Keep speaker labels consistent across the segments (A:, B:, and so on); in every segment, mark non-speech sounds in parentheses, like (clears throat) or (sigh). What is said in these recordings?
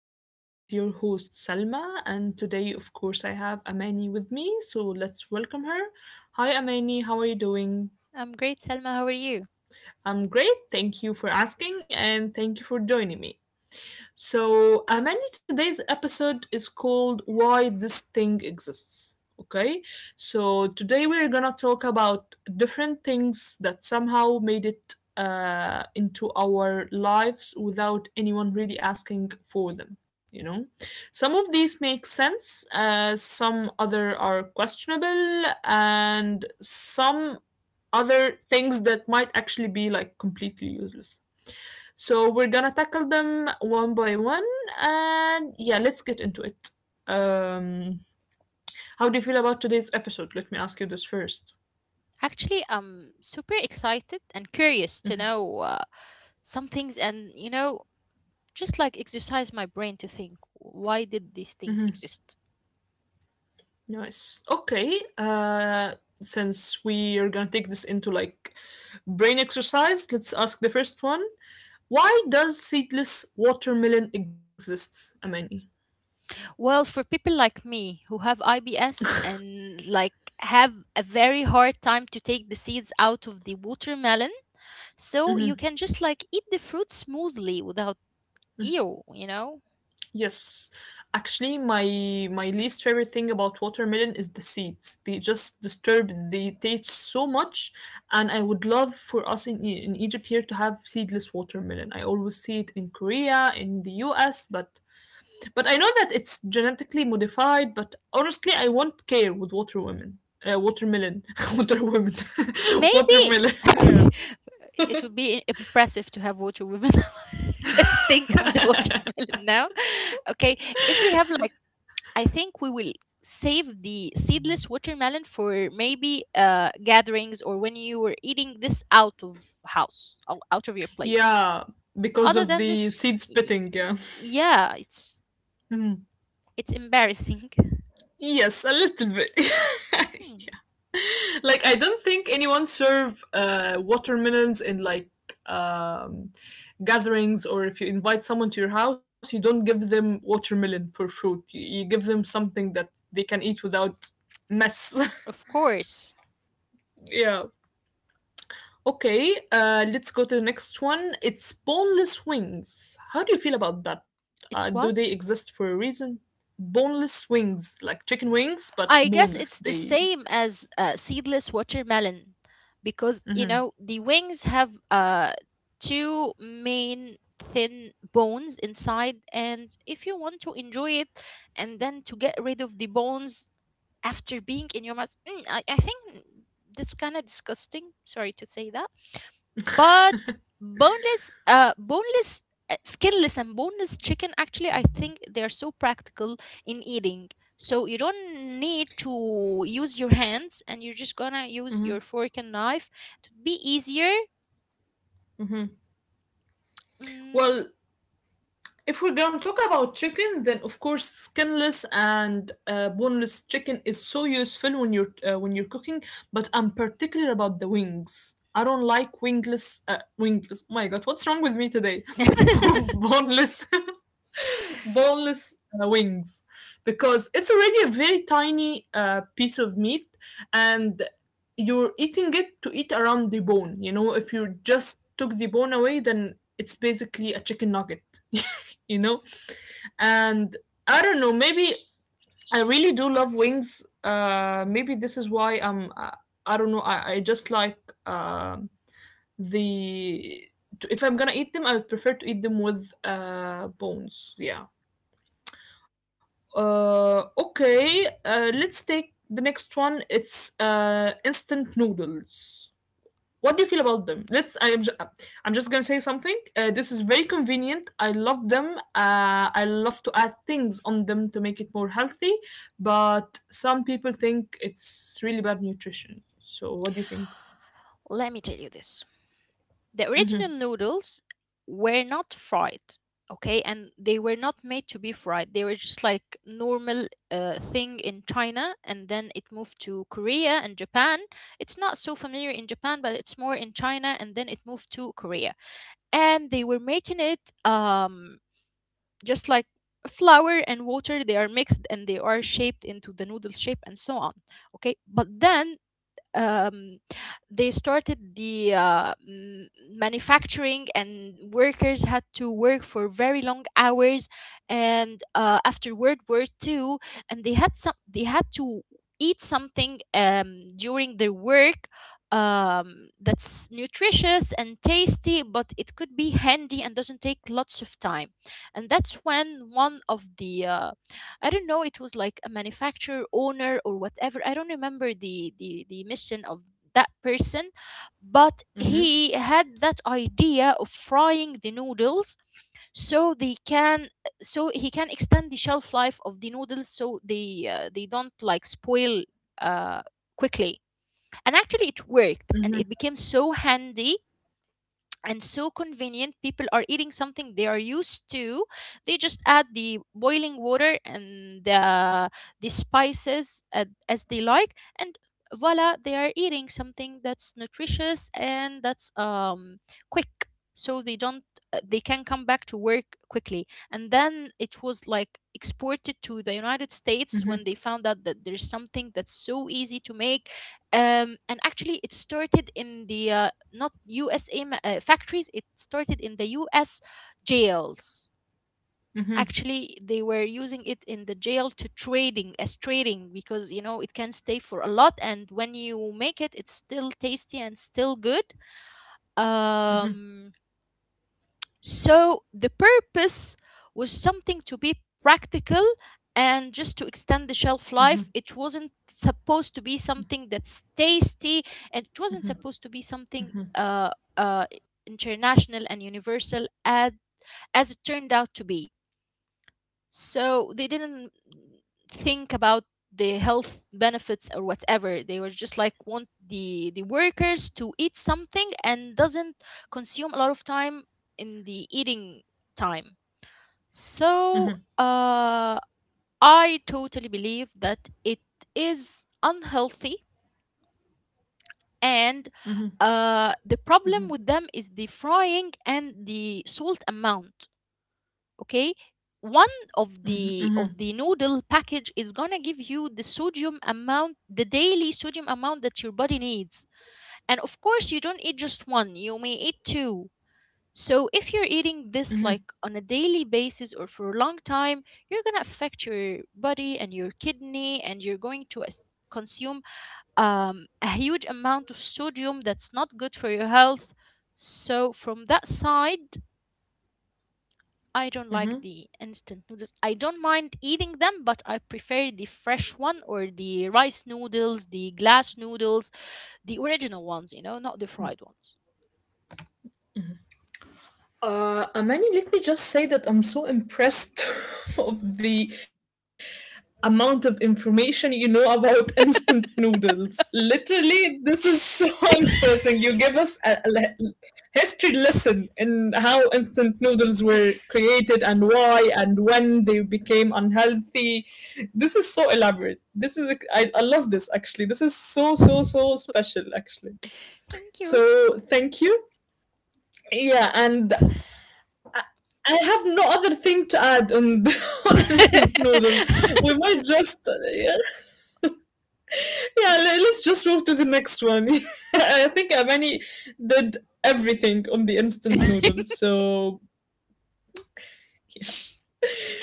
A: everyone. This is your host Salma, and today, of course, I have Amani with me. So let's welcome her. Hi, Amani. How are you doing?
B: I'm great, Selma. How are you?
A: I'm great. Thank you for asking, and thank you for joining me. So, Amani, today's episode is called Why This Thing Exists. Okay, so today we're gonna talk about different things that somehow made it into our lives without anyone really asking for them. Some of these make sense, some other are questionable, and some other things that might actually be like completely useless. So we're gonna tackle them one by one, and yeah, let's get into it. Um, how do you feel about today's episode? Let me ask you this first.
B: Actually, I'm super excited and curious to know some things and, you know, just like exercise my brain to think why did these things exist?
A: Nice. Okay. Since we are gonna take this into like brain exercise, let's ask the first one. Why does seedless watermelon exist, Amani?
B: Well, for people like me who have IBS and like have a very hard time to take the seeds out of the watermelon, so
A: Mm-hmm.
B: you can just like eat the fruit smoothly without ew, you know?
A: Yes. Actually, my least favorite thing about watermelon is the seeds. They just disturb the taste so much, and I would love for us in in Egypt here to have seedless watermelon. I always see it in Korea, in the US, but I know that it's genetically modified, but honestly, I won't care with watermelon. Watermelon. (laughs) watermelon. (laughs)
B: Maybe
A: watermelon.
B: (laughs)
A: (laughs)
B: it would be impressive to have watermelon. (laughs) Let's think of the
A: yeah. (laughs)
B: watermelon now. Okay, if we have like, I think we will save the seedless watermelon for maybe gatherings or when you were eating this out of house, out of your place.
A: Yeah, because
B: Other
A: of
B: than
A: the
B: this,
A: seed spitting. Yeah.
B: yeah, it's
A: Hmm.
B: it's embarrassing. (laughs)
A: Yes, a little bit. (laughs)
B: Hmm,
A: Like I don't think anyone serve watermelons in like um, gatherings or if you invite someone to your house, you don't give them watermelon for fruit. You give them something that they can eat without mess. (laughs)
B: of course,
A: yeah. Okay, let's go to the next one. It's boneless wings. How do you feel about that?
B: it's
A: Do they
B: what.
A: exist for a reason? Boneless wings, like chicken wings, but
B: I guess it's
A: boneless.
B: the
A: They.
B: same as seedless watermelon because you know
A: Hmm
B: the wings have two main thin bones inside, and if you want to enjoy it and then to get rid of the bones after being in your mouth, I think that's kind of disgusting, sorry to say that, but boneless, skinless and boneless chicken, actually I think they are so practical in eating. So you don't need to use your hands, and you're just gonna use your
A: (laughs)
B: fork and knife to be easier.
A: Mhm.
B: Mm.
A: Well, if we're gonna talk about chicken, then of course skinless and boneless chicken is so useful when you're cooking. But I'm particular about the wings. I don't like wingless. Oh my God, what's wrong with me today? (laughs)
B: (laughs)
A: Boneless. (laughs) boneless wings because it's already a very tiny piece of meat and you're eating it to eat around the bone. If you just took the bone away then it's basically a chicken nugget. (laughs) You know, and I don't know, maybe I really do love wings. Uh maybe this is why I'm I don't know I just like um the if I'm gonna eat them I would prefer to eat them with bones. Yeah. Uh, okay, let's take the next one. It's instant noodles. What do you feel about them? I'm just gonna say something. This is very convenient. I love them. I love to add things on them to make it more healthy. But some people think it's really bad nutrition. So what do you think?
B: Let me tell you this. The original
A: Mm-hmm,
B: noodles were not fried, okay, and they were not made to be fried. They were just like normal thing in China, and then it moved to Korea and Japan. It's not so familiar in Japan, but it's more in China, and then it moved to Korea. And they were making it, just like flour and water, they are mixed and they are shaped into the noodle shape and so on. Okay, but then, um, they started the manufacturing, and workers had to work for very long hours, and after World War Two, and they had to eat something, during their work, that's nutritious and tasty, but it could be handy and doesn't take lots of time. And that's when one of the I don't know, it was like a manufacturer owner or whatever. I don't remember the mission of that person, but
A: mm-hmm,
B: he had that idea of frying the noodles, so they can so he can extend the shelf life of the noodles so they don't like spoil uh quickly. And actually it worked, and
A: mm-hmm,
B: it became so handy and so convenient. People are eating something they are used to. They just add the boiling water and the spices as they like, and voila, they are eating something that's nutritious and that's, quick, so they don't, they can come back to work quickly. And then it was like exported to the United
A: mm-hmm,
B: States when they found out that there's something that's so easy to make. And actually it started in the not USA factories, it started in the US jails. Actually, they were using it in the jail to trading, as trading, because you know it can stay for a lot, and when you make it it's still tasty and still good.
A: mm-hmm,
B: um so the purpose was something to be practical and just to extend the
A: mm-hmm,
B: shelf life. It wasn't supposed to be something that's tasty, and it wasn't supposed to be something, uh, international and universal as it turned out to be. So they didn't think about the health benefits or whatever. They were just like want the workers to eat something and doesn't consume a lot of time in the eating time. So,
A: mm-hmm, mm-hmm,
B: uh, I totally believe that it is unhealthy, and the problem with them is the frying and the salt amount. Okay, one of the
A: mm-hmm,
B: noodle package is gonna give you the sodium amount, the daily sodium amount that your body needs. And of course you don't eat just one, you may eat two. So if you're eating this
A: mm-hmm.
B: like on a daily basis or for a long time, you're gonna affect your body and your kidney, and you're going to consume, a huge amount of sodium that's not good for your health. So from that side, I don't
A: Mm-hmm.
B: like the instant noodles. I don't mind eating them, but I prefer the fresh one or the rice noodles, the glass noodles, the original ones, you know, not the fried ones.
A: Amani, let me just say that I'm so impressed (laughs) of the amount of information you know about (laughs) instant noodles. Literally, this is so (laughs) impressing. You give us history lesson in how instant noodles were created and why and when they became unhealthy. This is so elaborate. I love this actually. This is so so
B: Thank
A: so special actually.
B: you.
A: So thank you. Yeah, and I have no other thing to add on, (laughs) on
B: (laughs)
A: instant noodle. We might just yeah, yeah le- Let's just move to the next one. (laughs) I think Amani did everything on the instant noodle. So yeah.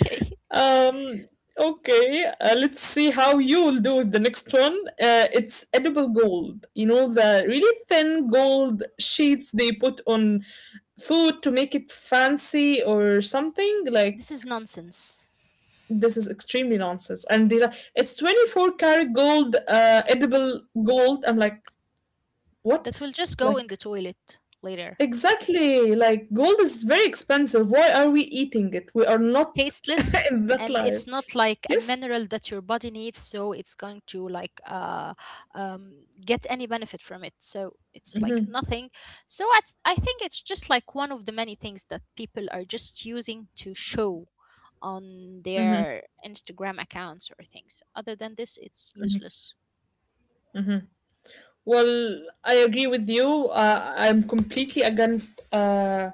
B: Okay.
A: Um okay, let's see how you'll do with the next one. It's edible gold. You know the really thin gold sheets they put on food to make it fancy or something like
B: This is nonsense.
A: this is extremely nonsense. And they're like, it's 24 karat gold, edible gold. I'm like,
B: That
A: what?
B: will just go in
A: Like,
B: the toilet later.
A: exactly. Like, gold is very expensive. Why are we eating it? We are not (laughs)
B: Tasteless,
A: in that
B: and
A: life.
B: it's not like
A: Yes?
B: a mineral that your body needs, so it's going to like, um, get any benefit from it, so it's like nothing. So I think it's just like one of the many things that people are just using to show on
A: Hmm.
B: their Instagram accounts or things. Other than this, it's useless.
A: Well, I agree with you. I'm completely against uh,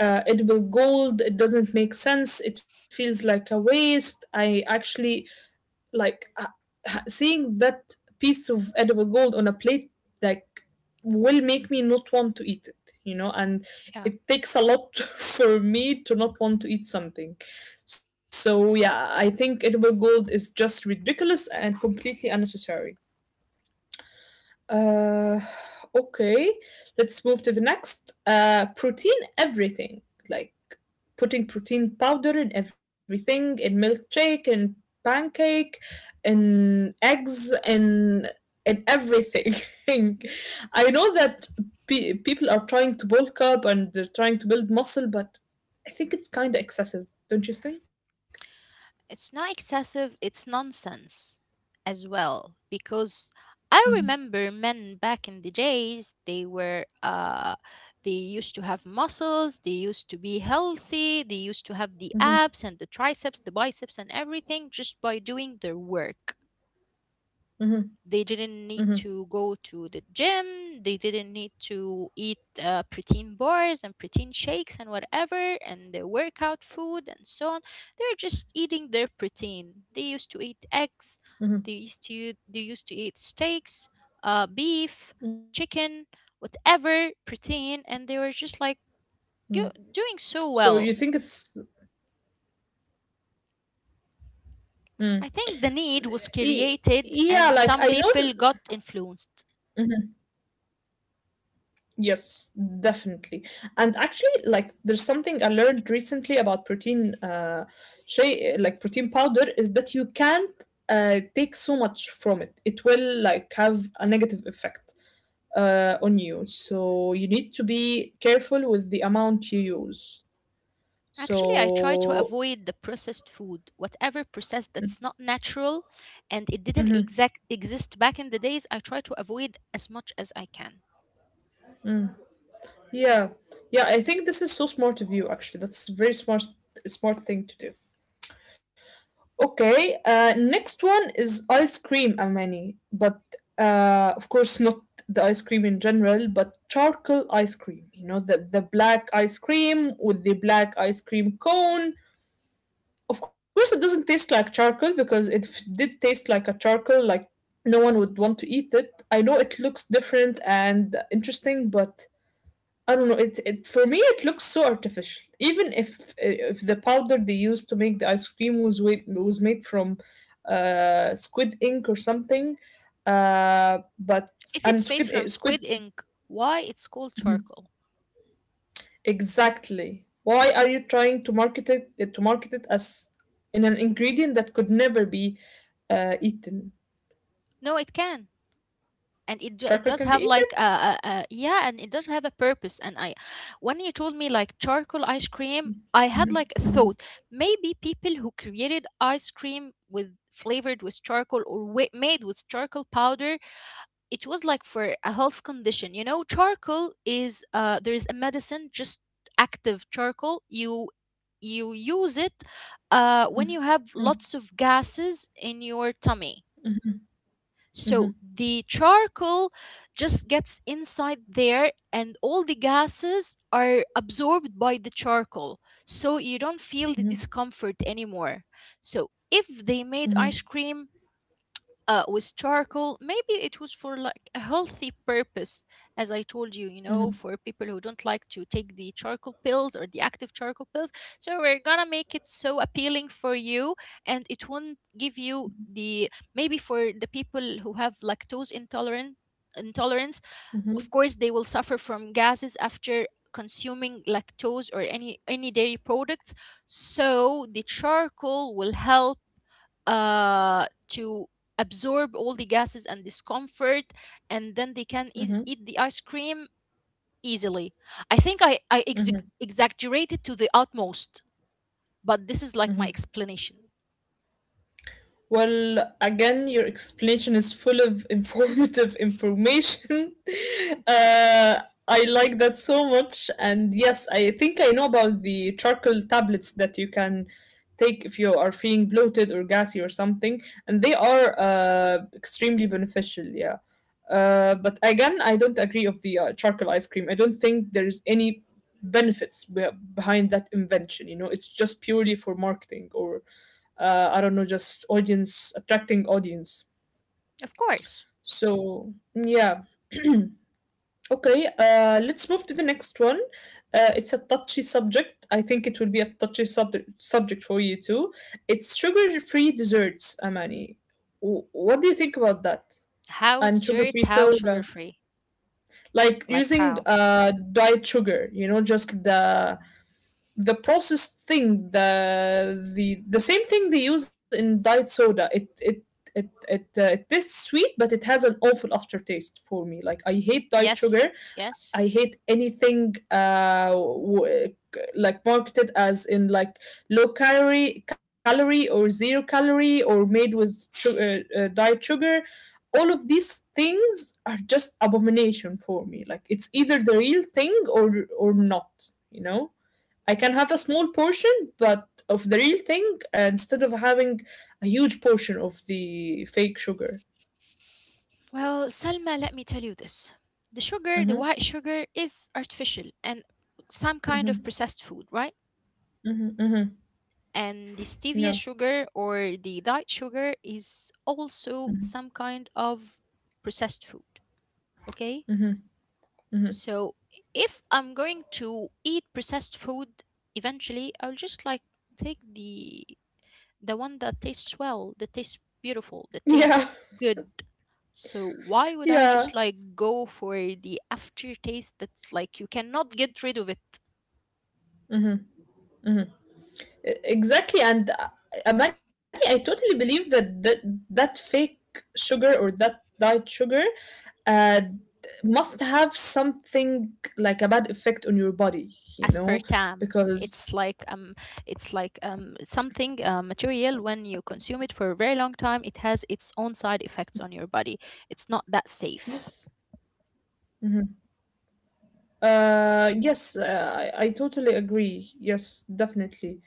A: uh, edible gold. It doesn't make sense. It feels like a waste. I actually like seeing that piece of edible gold on a plate like will make me not want to eat it, you know, and
B: Yeah.
A: it takes a lot (laughs) for me to not want to eat something. So yeah, I think edible gold is just ridiculous and completely unnecessary. Uh, okay, let's move to the next. Protein everything, like putting protein powder in everything, in milkshake, in pancake, in eggs, in everything. (laughs) I know that people are trying to bulk up and they're trying to build muscle, but I think it's kind of excessive, don't you think?
B: It's not excessive, it's nonsense as well. Because I
A: Mm-hmm,
B: remember men back in the days, they were, they used to have muscles, they used to be healthy, they used to have the
A: mm-hmm,
B: abs and the triceps, the biceps, and everything just by doing their work.
A: mm-hmm,
B: They didn't need
A: mm-hmm,
B: to go to the gym. They didn't need to eat protein bars and protein shakes and whatever and the workout food and so on. They're just eating their protein. They used to eat eggs.
A: mm-hmm.
B: They used to eat steaks, beef, chicken, whatever
A: Mm-hmm.
B: protein, and they were
A: So
B: just
A: you
B: like
A: think it's.
B: doing so well.
A: mm, Y-
B: I think
A: yeah,
B: the
A: like
B: need
A: I
B: was
A: know
B: created and some people got
A: Mhm.
B: influenced.
A: Yes, definitely. And actually like there's something I learned recently about protein, shay like protein powder, is that you can't take so much from it, it will like have a negative effect on you, so you need to be careful with the amount you use.
B: Actually, I try to
A: So
B: avoid the processed food, whatever processed that's not natural, and it didn't
A: mhm,
B: exact exist back in the days. I try to avoid as much as I can.
A: yeah. Yeah, I think this is so smart of you actually. That's a very smart thing to do. Okay, next one is ice cream, Amani. But of course, not the ice cream in general, but charcoal ice cream. You know, the black ice cream with the black ice cream cone. Of course, it doesn't taste like charcoal because did taste like a charcoal, like no one would want to eat it. I know it looks different and interesting, but I don't know. It for me it looks so artificial. Even if the powder they used to make the ice cream was was made from squid ink or something, but
B: If
A: and
B: it's made
A: squid
B: from
A: squid
B: squid ink, why it's called
A: Mhm.
B: charcoal?
A: Exactly. Why are you trying to market it to market it as in an ingredient that could never be eaten?
B: No, it can. And it, do, it
A: Charcoal
B: does
A: can be
B: have
A: eaten.
B: like a, yeah, and it does have a purpose. And I, when you told me like charcoal ice cream, I had
A: Mhm,
B: like a
A: mhm,
B: thought. Maybe people who created ice cream with flavored with charcoal or made with charcoal powder, it was like for a health condition. You know, charcoal is, there is a medicine, just active charcoal, you use it when you
A: mhm,
B: have lots of gases in your tummy.
A: mhm, mhm,
B: So the charcoal just gets inside there, and all the gases are absorbed by the charcoal, so you don't feel the discomfort anymore. So if
A: mhm,
B: they
A: mhm,
B: made ice cream with charcoal, maybe it was for like a healthy purpose, as I told you, you
A: mhm,
B: know, for people who don't like to take the charcoal pills or the active charcoal pills. So we're gonna make it so appealing for you, and it won't give you the, maybe for the people who have lactose intolerant intolerance.
A: mhm,
B: Of course, they will suffer from gases after consuming lactose or any dairy products. So the charcoal will help, to absorb all the gases and discomfort, and then they can eas
A: mhm,
B: eat the ice cream easily. I think I
A: mhm.
B: exaggerated to the utmost, but this is like my explanation.
A: Well, again, your explanation is full of informative (laughs) information. (laughs) uh, I like that so much. And yes, I think I know about the charcoal tablets that you can take if you are feeling bloated or gassy or something. And they are extremely beneficial, yeah. But again, I don't agree of the charcoal ice cream. I don't think there is any benefits behind that invention. You know, it's just purely for marketing or I don't know, just audience, attracting audience.
B: Of course.
A: So, yeah. Okay, let's move to the next one. It's a touchy subject. I think it will be a touchy subject for you too. It's sugar free desserts, Amani. What do you think about that?
B: How
A: And sugar
B: desserts,
A: free
B: how sugar
A: soda?
B: free.
A: Like
B: Like
A: using
B: how?
A: diet sugar, you know, just the processed thing the same thing they use in diet soda it tastes sweet but it has an awful aftertaste for me. Like I hate diet
B: Yes,
A: sugar.
B: yes.
A: I hate anything like marketed as in like low calorie or zero calorie or made with sugar, diet sugar. All of these things are just abomination for me. Like it's either the real thing or not, you know. I can have a small portion, but of the real thing, instead of having a huge portion of the fake sugar.
B: Well, Salma, let me tell you this. The sugar, the
A: Mm-hmm,
B: white sugar, is artificial and some kind
A: mm-hmm,
B: of processed food, right?
A: mm-hmm, mm-hmm.
B: And the
A: Yeah.
B: stevia sugar or the diet sugar is also some kind of processed food, okay? So if I'm going to eat processed food, eventually I'll just like take the one that tastes well, that tastes beautiful, that
A: Yeah. (laughs)
B: tastes good. So why would I
A: Yeah.
B: just like go for the aftertaste that's like you cannot get rid of it?
A: Mm-hmm. Exactly. And Amani, I totally believe that that fake sugar or that diet sugar uh, must have something like a bad effect on your body, you know,
B: Aspartame.
A: because
B: It's like, something, material. When you consume it for a very long time, it has its own side effects on your body. It's not that safe.
A: yes. Mm-hmm. Yes, I totally agree. Yes, definitely.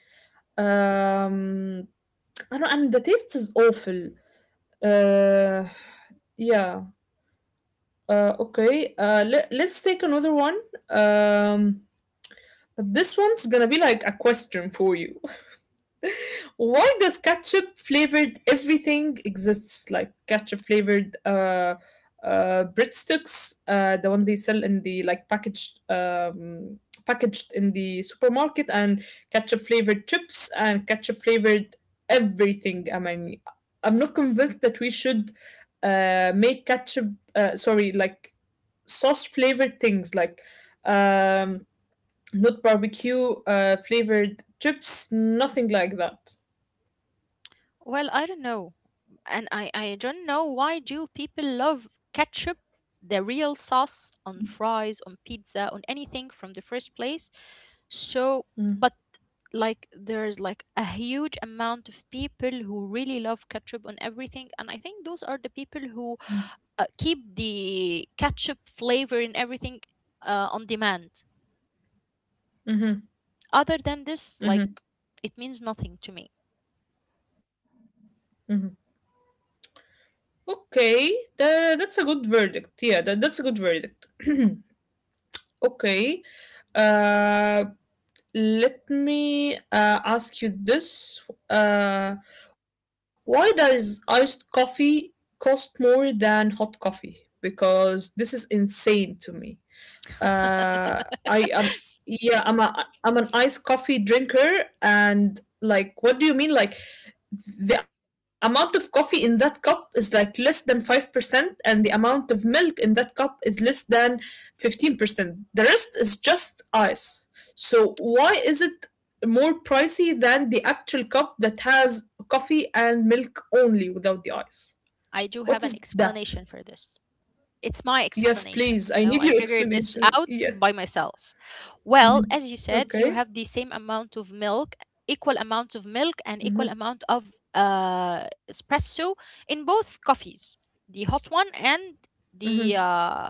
A: Um, I don't, and the taste is awful. Uh, yeah. Okay. Let's take another one. Um, but this one's gonna be like a question for you. Why does ketchup flavored everything exists, like ketchup flavored breadsticks, the one they sell in the like packaged, packaged in the supermarket, and ketchup flavored chips and ketchup flavored everything. I mean, I'm not convinced that we should make ketchup, sorry like sauce flavored things, like um not barbecue flavored chips, nothing like that.
B: Well, I don't know. And I don't know why do people love ketchup, the real sauce on fries, on pizza, on anything from the first place. So, but like there's like a huge amount of people who really love ketchup on everything, and I think those are the people
A: Mm.
B: who, keep the ketchup flavor in everything, on demand.
A: Mhm,
B: Other than this, like,
A: mhm,
B: it means nothing to me.
A: mhm. Okay, that that's a good verdict. Yeah, that that's a good verdict. (clears throat) Okay. Uh, let me ask you this. Uh, why does iced coffee cost more than hot coffee? Because this is insane to me. Uh, I am yeah, I'm a I'm an iced coffee drinker and like what do you mean? Like the amount of coffee in that cup is like less than 5%, and the amount of milk in that cup is less than 15%. The rest is just ice, so why is it more pricey than the actual cup that has coffee and milk only without the ice?
B: I do have
A: What
B: an
A: is that?
B: explanation for this. It's my
A: Yes
B: explanation,
A: please,
B: you
A: I
B: know.
A: need
B: I
A: your
B: figured this
A: explanation,
B: out
A: yeah.
B: by myself. Well,
A: Mhm.
B: as you said, you
A: Okay.
B: have the same amount of milk, equal amount of milk, and equal
A: Mhm.
B: amount of espresso in both coffees, the hot one and
A: Mhm.
B: the uh,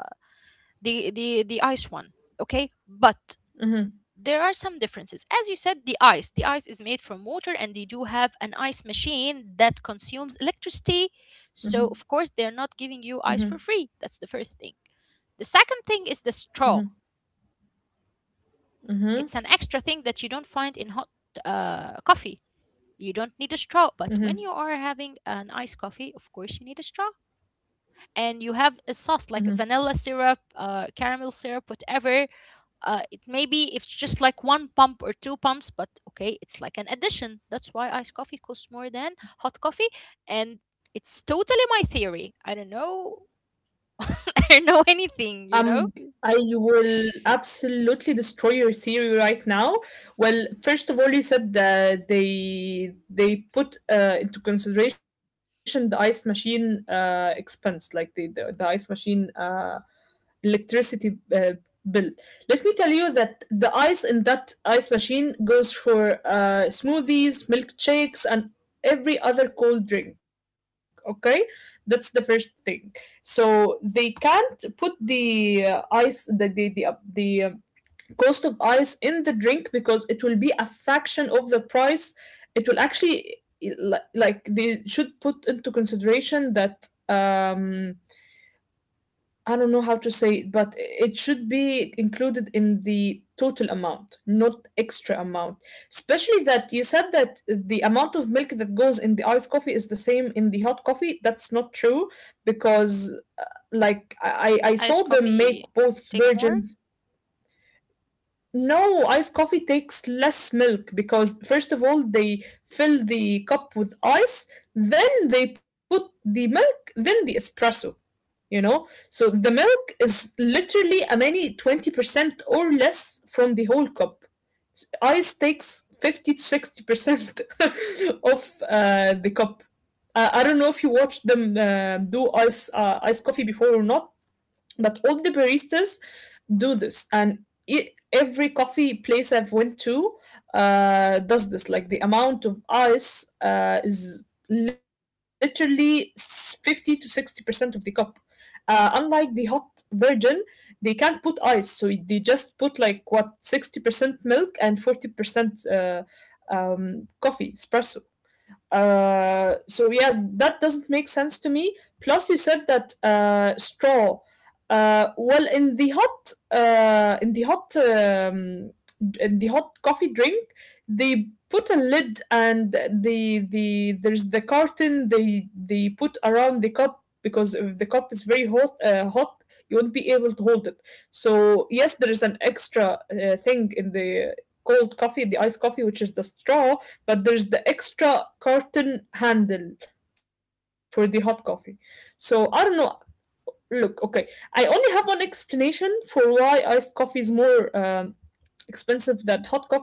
B: the ice one. Okay, but
A: Mhm.
B: there are some differences. As you said, the ice is made from water, and they do have an ice machine that consumes electricity.
A: Mhm.
B: So of course, they're not giving
A: Mhm.
B: you ice for free. That's the first thing. The second thing is the
A: Mhm.
B: straw.
A: Mhm.
B: It's an extra thing that you don't find in hot coffee. You don't need a straw, but when
A: Mhm.
B: you are having an iced coffee, of course you need a straw. And you have a sauce like vanilla syrup, caramel syrup, whatever. It maybe it's just like one pump or two pumps, but okay, it's like an addition. That's why iced coffee costs more than hot coffee, and it's totally my theory. I don't know. (laughs) I don't know anything.
A: Um,
B: You know,
A: I will absolutely destroy your theory right now. Well, first of all, you said that they put into consideration the ice machine expense, like the ice machine electricity bill. Let me tell you that the ice in that ice machine goes for smoothies, milkshakes, and every other cold drink. Okay, that's the first thing. So they can't put the ice, the cost of ice in the drink because it will be a fraction of the price. It will actually like, they should put into consideration that I don't know how to say it, but it should be included in the total amount, not extra amount. Especially that you said that the amount of milk that goes in the iced coffee is the same in the hot coffee. That's not true because, like, I I
B: iced
A: saw them make
B: coffee
A: both
B: take more.
A: versions. No, iced coffee takes less milk because, first of all, they fill the cup with ice, then they put the milk, then the espresso, you know. So the milk is literally a many 20% or less from the whole cup. Ice takes 50 to 60% (laughs) of the cup. I don't know if you watched them do ice coffee before or not, but all the baristas do this. And e every coffee place I've went to does this. Like, the amount of ice is literally 50 to 60% of the cup, unlike the hot virgin. They can't put ice, so they just put like what, 60% milk and 40% coffee espresso. So yeah, that doesn't make sense to me. Plus, you said that straw. Well, in the hot coffee drink, they put a lid, and there's the carton they put around the cup because if the cup is very hot, you won't be able to hold it. So yes, there is an extra thing in the cold coffee, the iced coffee, which is the straw, but there's the extra carton handle for the hot coffee. So I don't know. Look, okay, I only have one explanation for why iced coffee is more expensive than hot coffee.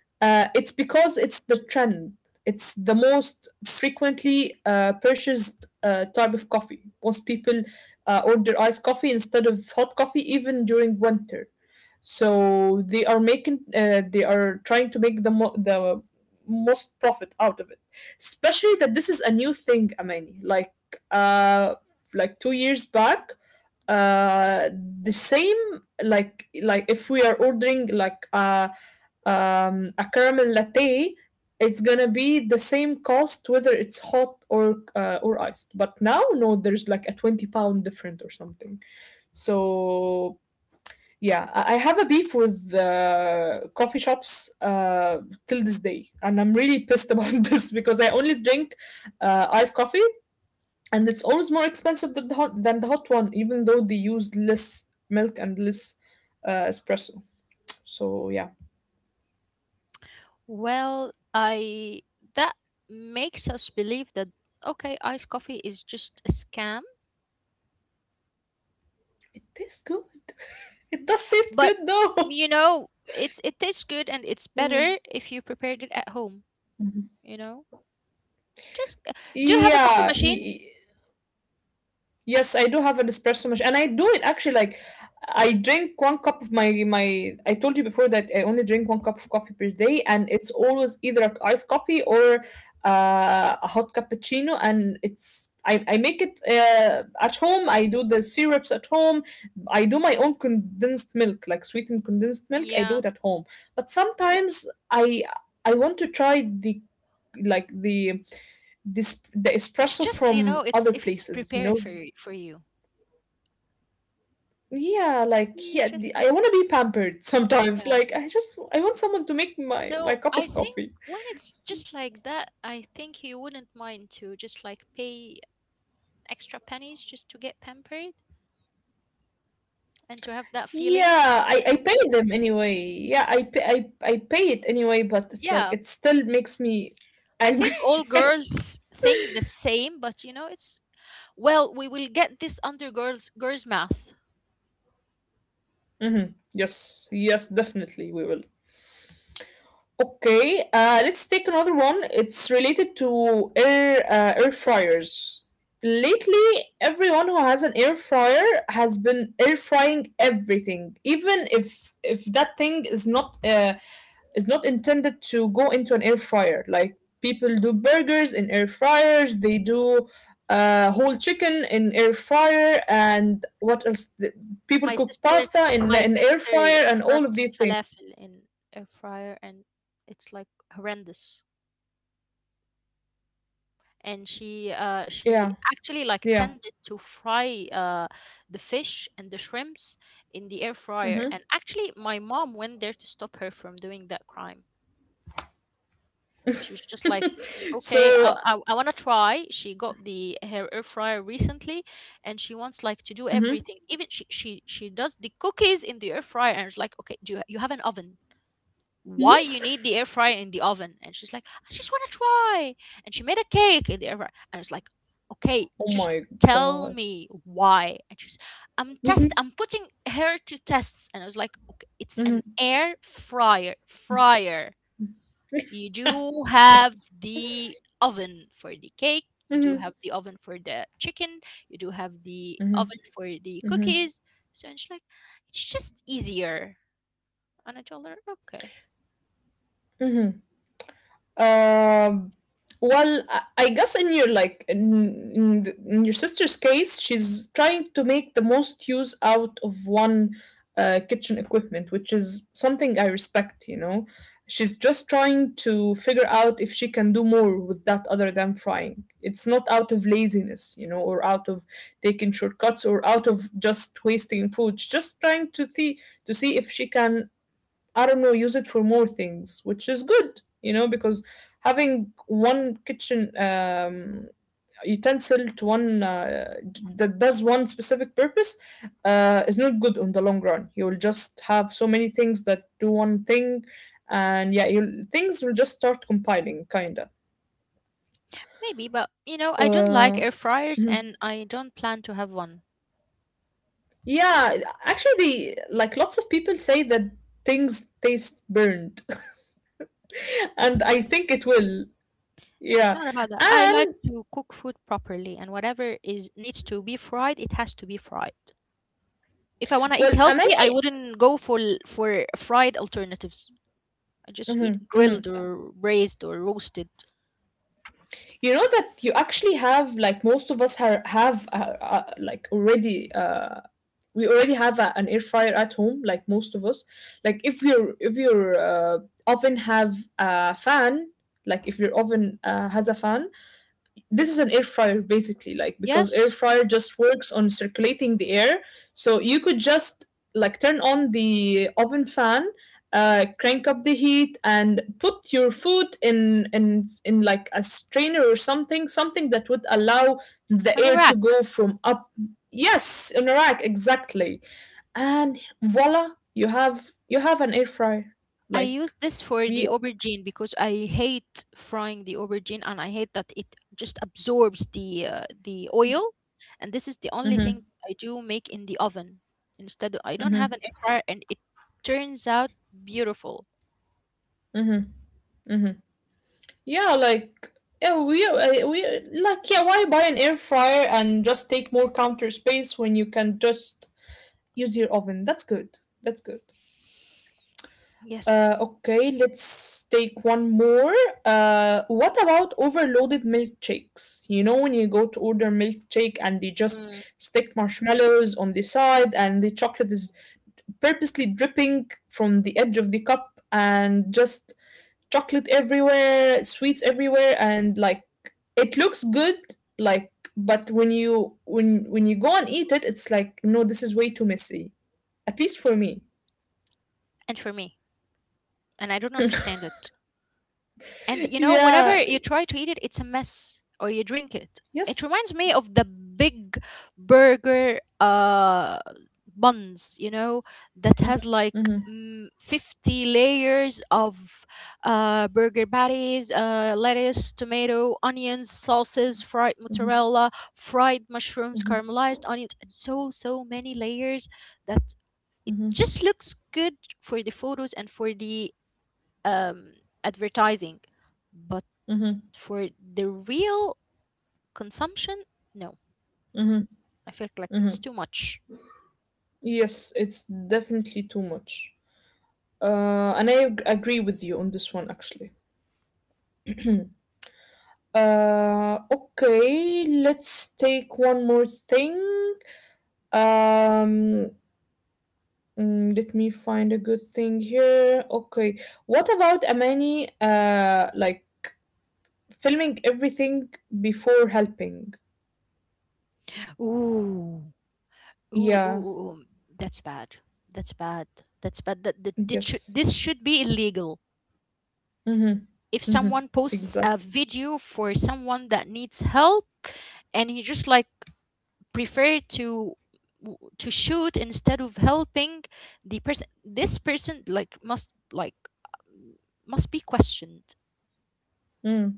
A: It's because it's the trend. It's the most frequently purchased type of coffee. Most people order iced coffee instead of hot coffee, even during winter. So they are making, they are trying to make the most profit out of it. Especially that this is a new thing, Amani. Uh, like 2 years back, the same. Like if we are ordering like a caramel latte, it's gonna be the same cost whether it's hot or iced. But now no, there's like a £20 different or something. So yeah, I have a beef with coffee shops till this day, and I'm really pissed about (laughs) this because I only drink iced coffee, and it's always more expensive than than the hot one, even though they use less milk and less espresso. So yeah.
B: Well, I that makes us believe that okay, iced coffee is just a scam,
A: It tastes good. (laughs) It does taste
B: but
A: good though. (laughs)
B: you know, it's it tastes good and it's
A: Mm.
B: better if you prepared it at home,
A: Mhm.
B: you know? Just do you have a coffee
A: Yeah,
B: machine?
A: yes, I do have an espresso machine, and I do it actually like, I drink one cup of my my. I told you before that I only drink one cup of coffee per day, and it's always either a iced coffee or a hot cappuccino, and I make it at home. I do the syrups at home. I do my own condensed milk, like sweetened condensed milk. I do
B: Yeah.
A: it at home. But sometimes I want to try the like the this the
B: It's
A: espresso
B: just, you know,
A: from
B: it's
A: other
B: if it's
A: places, you
B: prepared
A: know.
B: for y- for you.
A: Yeah, like
B: Yeah,
A: yeah,
B: just like
A: I want to be pampered sometimes.
B: yeah.
A: Like, I want someone to make my
B: So
A: cup
B: I
A: of
B: think
A: coffee.
B: when it's just like that, I think you wouldn't mind to just like pay extra pennies just to get pampered and to have that feeling.
A: Yeah, I pay them anyway. Yeah, I pay it anyway, but it's like
B: Yeah,
A: it still makes me
B: I think
A: angry.
B: all girls think the same, but you know, it's well, we will get this under girls math.
A: (laughs) Hmm. Yes, yes, definitely we will. Okay, let's take another one. It's related to air fryers. Lately, everyone who has an air fryer has been air frying everything, even if that thing is not intended to go into an air fryer. Like, people do burgers in air fryers, they do whole chicken in air fryer, and what else? People
B: My
A: cook
B: sister,
A: pasta in
B: my
A: an air
B: sister
A: fryer, and all of
B: does
A: these things.
B: falafel in air fryer, and it's like horrendous. And she,
A: Yeah,
B: uh, she
A: yeah.
B: actually like tended to fry the fish and the shrimps in the air
A: Mm-hmm.
B: fryer. And actually, my mom went there to stop her from doing that crime. She was just like,
A: (laughs)
B: "Okay,
A: So,
B: I want to try." She got the her air fryer recently, and she wants like to do
A: hmm.
B: everything. Even she does the cookies in the air fryer, and it's like, "Okay, do you, you have an oven? Why you need the air
A: Yes.
B: fryer in the oven?" And she's like, I just want to try. And she made a cake in the air fryer. And it's like, okay,
A: Oh my
B: just
A: god.
B: tell me why. And she's, I'm test.
A: Hmm.
B: I'm putting her to tests. And I was like, okay, it's an
A: Hmm.
B: air fryer, fryer. You do
A: Yeah.
B: have the oven for the cake. You do
A: Hmm.
B: have the oven for the chicken. You do have the
A: Hmm.
B: oven for the
A: Hmm.
B: cookies. So and she's like, it's just easier. And I told her, okay,
A: Hmm. Um, well, I guess in your like in your sister's case, she's trying to make the most use out of one kitchen equipment, which is something I respect. You know, she's just trying to figure out if she can do more with that other than frying. It's not out of laziness, you know, or out of taking shortcuts, or out of just wasting food. She's just trying to see if she can, I don't know, use it for more things, which is good, you know, because having one kitchen utensil to one that does one specific purpose is not good on the long run. You will just have so many things that do one thing, and yeah, you things will just start compiling, kinda.
B: maybe, but you know, I
A: Uh,
B: don't like air fryers and I don't plan to have one.
A: yeah, actually, they like lots of people say that things taste burned, (laughs) and
B: It's
A: I think it will.
B: it's
A: Yeah,
B: not about that. I like
A: and
B: to cook food properly and whatever is needs to be fried, it has to be fried. If I want to eat
A: well,
B: healthy, I
A: Amani.
B: wouldn't go for l- for fried alternatives. I just eat
A: Mhm,
B: grilled
A: mhm.
B: or braised or roasted.
A: You know that you actually have, like most of us are, have like already we already have an air fryer at home, like most of us. Like, if your uh, oven have a fan, like if your oven has a fan, this is an air fryer basically. Like, because air
B: Yes,
A: fryer just works on circulating the air. So you could just like turn on the oven fan, crank up the heat and put your food in like a strainer or something, something that would allow the
B: on a
A: air to
B: rack.
A: go from up. Yes, in a rack exactly. And voila, you have an air fryer.
B: I
A: Like,
B: use this for the
A: yeah.
B: aubergine because I hate frying the aubergine and I hate that it just absorbs the oil, and this is the only thing
A: Mhm,
B: I do make in the oven instead. I don't have an
A: mhm.
B: air fryer and it turns out beautiful.
A: Yeah, like yeah, we like yeah. Why buy an air fryer and just take more counter space when you can just use your oven? That's good. That's good.
B: Yes.
A: Okay, let's take one more. What about overloaded milkshakes? You know when you go to order milkshake and they just
B: Mm.
A: stick marshmallows on the side, and the chocolate is purposely dripping from the edge of the cup, and just chocolate everywhere, sweets everywhere, and like, it looks good, like, but when you when you go and eat it, it's like no, this is way too messy. At least for me.
B: And for me, and I don't understand it. And
A: (laughs)
B: you know, whenever
A: Yeah.
B: you try to eat it, it's a mess, or you drink it. It
A: Yes.
B: reminds me of the big burger buns, you know, that
A: Mm-hmm.
B: has like
A: Mm-hmm.
B: mm, 50 layers of burger patties, lettuce, tomato, onions, sauces, fried mozzarella, fried mushrooms,
A: Mm-hmm.
B: caramelized onions, and so, so many layers that it
A: Mm-hmm.
B: just looks good for the photos and for the um, advertising, but
A: Mm-hmm. Mm-hmm.
B: for the real consumption, no,
A: Mm-hmm.
B: I feel like
A: Mm-hmm.
B: it's too much.
A: Yes, it's definitely too much. And I agree with you on this one actually. Okay, let's take one more thing. Um, Mm, let me find a good thing here. Okay. What about Amani, like filming everything before helping?
B: Ooh, ooh, ooh, ooh,
A: Yeah.
B: ooh. That's bad. That's bad. That's bad. That should,
A: Yes.
B: this should be illegal.
A: Mm-hmm.
B: If
A: Mm-hmm.
B: someone posts a
A: Exactly.
B: video for someone that needs help and he just like prefer to w- to shoot instead of helping the person, this person like must be questioned.
A: Mm.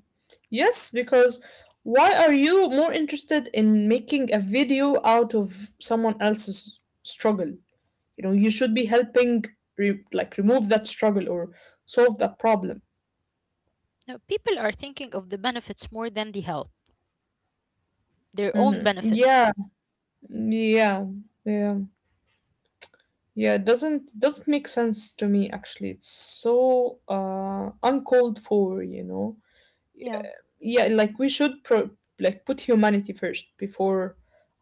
A: Yes, because why are you more interested in making a video out of someone else's struggle? You know, you should be helping, like, remove that struggle or solve that problem.
B: Now, people are thinking of the benefits more than the help. Their own
A: Mm-hmm.
B: benefit.
A: Yeah. Yeah. Yeah. Yeah, it doesn't make sense to me actually. It's so uncalled for, you know.
B: Yeah.
A: Yeah, like we should put humanity first before,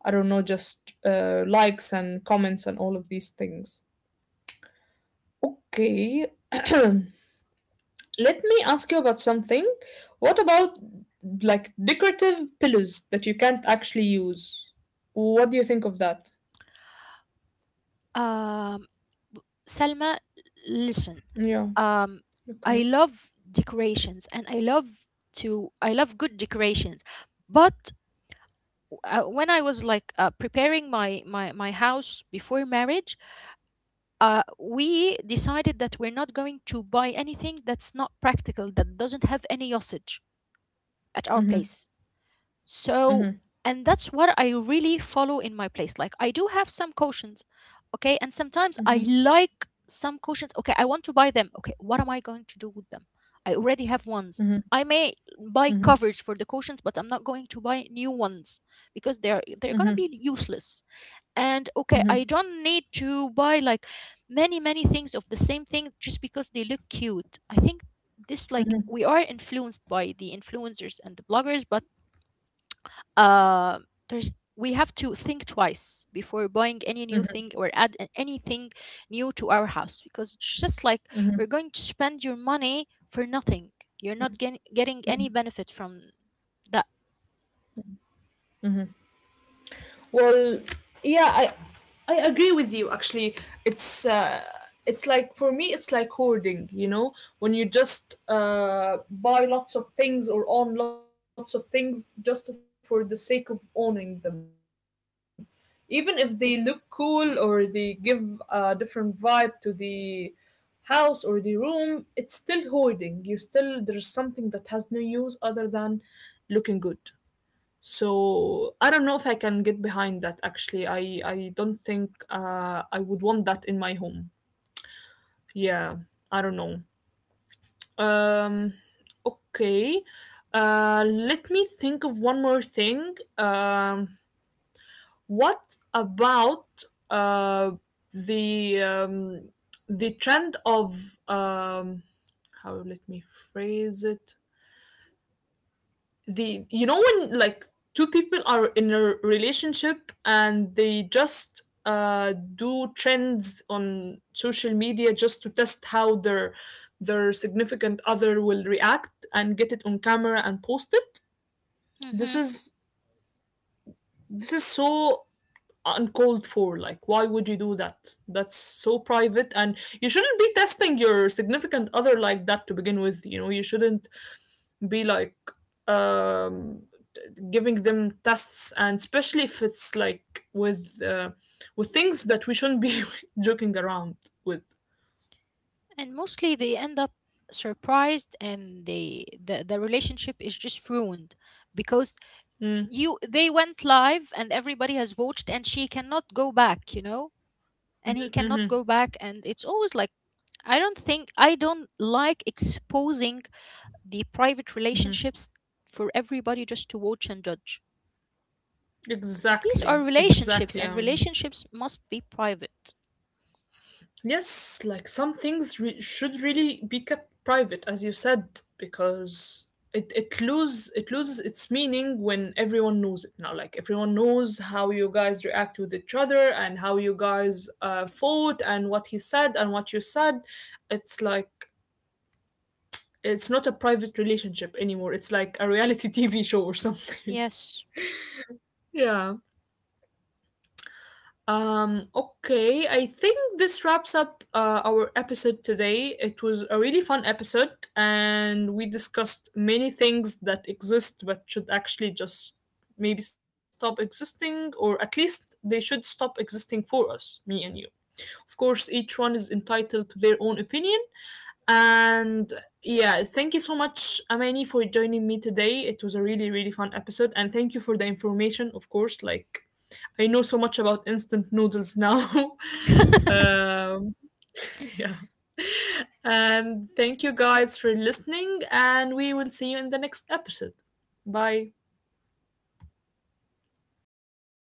A: I don't know, just likes and comments and all of these things. Okay. (clears throat) Let me ask you about something. What about like decorative pillows that you can't actually use? What do you think of that?
B: Um, Salma, listen.
A: Yeah,
B: Um, I
A: okay.
B: love decorations, and I love to I love good decorations. But when I was like preparing my house before marriage, we decided that we're not going to buy anything that's not practical, that doesn't have any usage at our
A: Mhm.
B: place. So,
A: Mhm.
B: and that's what I really follow in my place. Like, I do have some cautions, okay? And sometimes I
A: Mhm.
B: like some cautions. Okay, I want to buy them. Okay, what am I going to do with them? I already have ones.
A: Mhm.
B: I may buy
A: Mhm.
B: covers for the cautions, but I'm not going to buy new ones because they're gonna
A: Mhm.
B: be useless. And okay, I
A: Mhm.
B: don't need to buy like many things of the same thing just because they look cute. I think this like
A: Mhm.
B: we are influenced by the influencers and the bloggers, but uh, there's we have to think twice before buying any new
A: Mhm,
B: thing or add a- anything new to our house because it's just like
A: mhm,
B: we're going to spend your money for nothing. You're not getting any
A: mhm.
B: benefit from that.
A: Well, yeah, I agree with you actually. It's uh it's like for me it's like hoarding, you know, when you just buy lots of things or own lots of things just for the sake of owning them. Even if they look
B: Yeah.
A: cool or they give a different vibe to the house or the room, it's still hoarding. You still there's something that has no use other than looking good. So I don't know if I can get behind that actually. I don't think I would want that in my home. Yeah, I don't know. Um okay. Let me think of one more thing. What about uh the um the trend of how, let me phrase it, the you know, when like two people are in a relationship and they just do trends on social media just to test how their significant other will react and get it on camera and post it. this
B: Hmm.
A: is this is so uncalled for. Like, why would you do that? That's so private, and you shouldn't be testing your significant other like that to begin with, you know. You shouldn't be like, um, giving them tests, and especially if it's like with things that we shouldn't be (laughs) joking around with.
B: And mostly they end up surprised and they the relationship is just ruined because
A: Mm,
B: you they went live and everybody has watched and she cannot go back, you know, and he cannot go back, and it's always like I don't think I don't like exposing the private relationships for everybody just to watch and judge. These are
A: exactly,
B: relationships,
A: exactly.
B: and relationships must be private.
A: Yes, like some things should really be kept private, as you said, because it loses its meaning when everyone knows it now. Like, everyone knows how you guys react with each other and how you guys fought and what he said and what you said. It's like it's not a private relationship anymore. It's like a reality (laughs) TV show or something.
B: Yes.
A: Yeah. Okay, I think this wraps up our episode today. It was a really fun episode, and we discussed many things that exist but should actually just maybe stop existing, or at least they should stop existing for us, me and you. Of course, each one is entitled to their own opinion, and yeah, thank you so much, Amani, for joining me today. It was a really, really fun episode. And thank you for the information, of course. Like, I know so much about instant noodles now. (laughs)
B: (laughs)
A: um, (laughs) yeah. And thank you guys for listening. And we will see you in the next episode. Bye.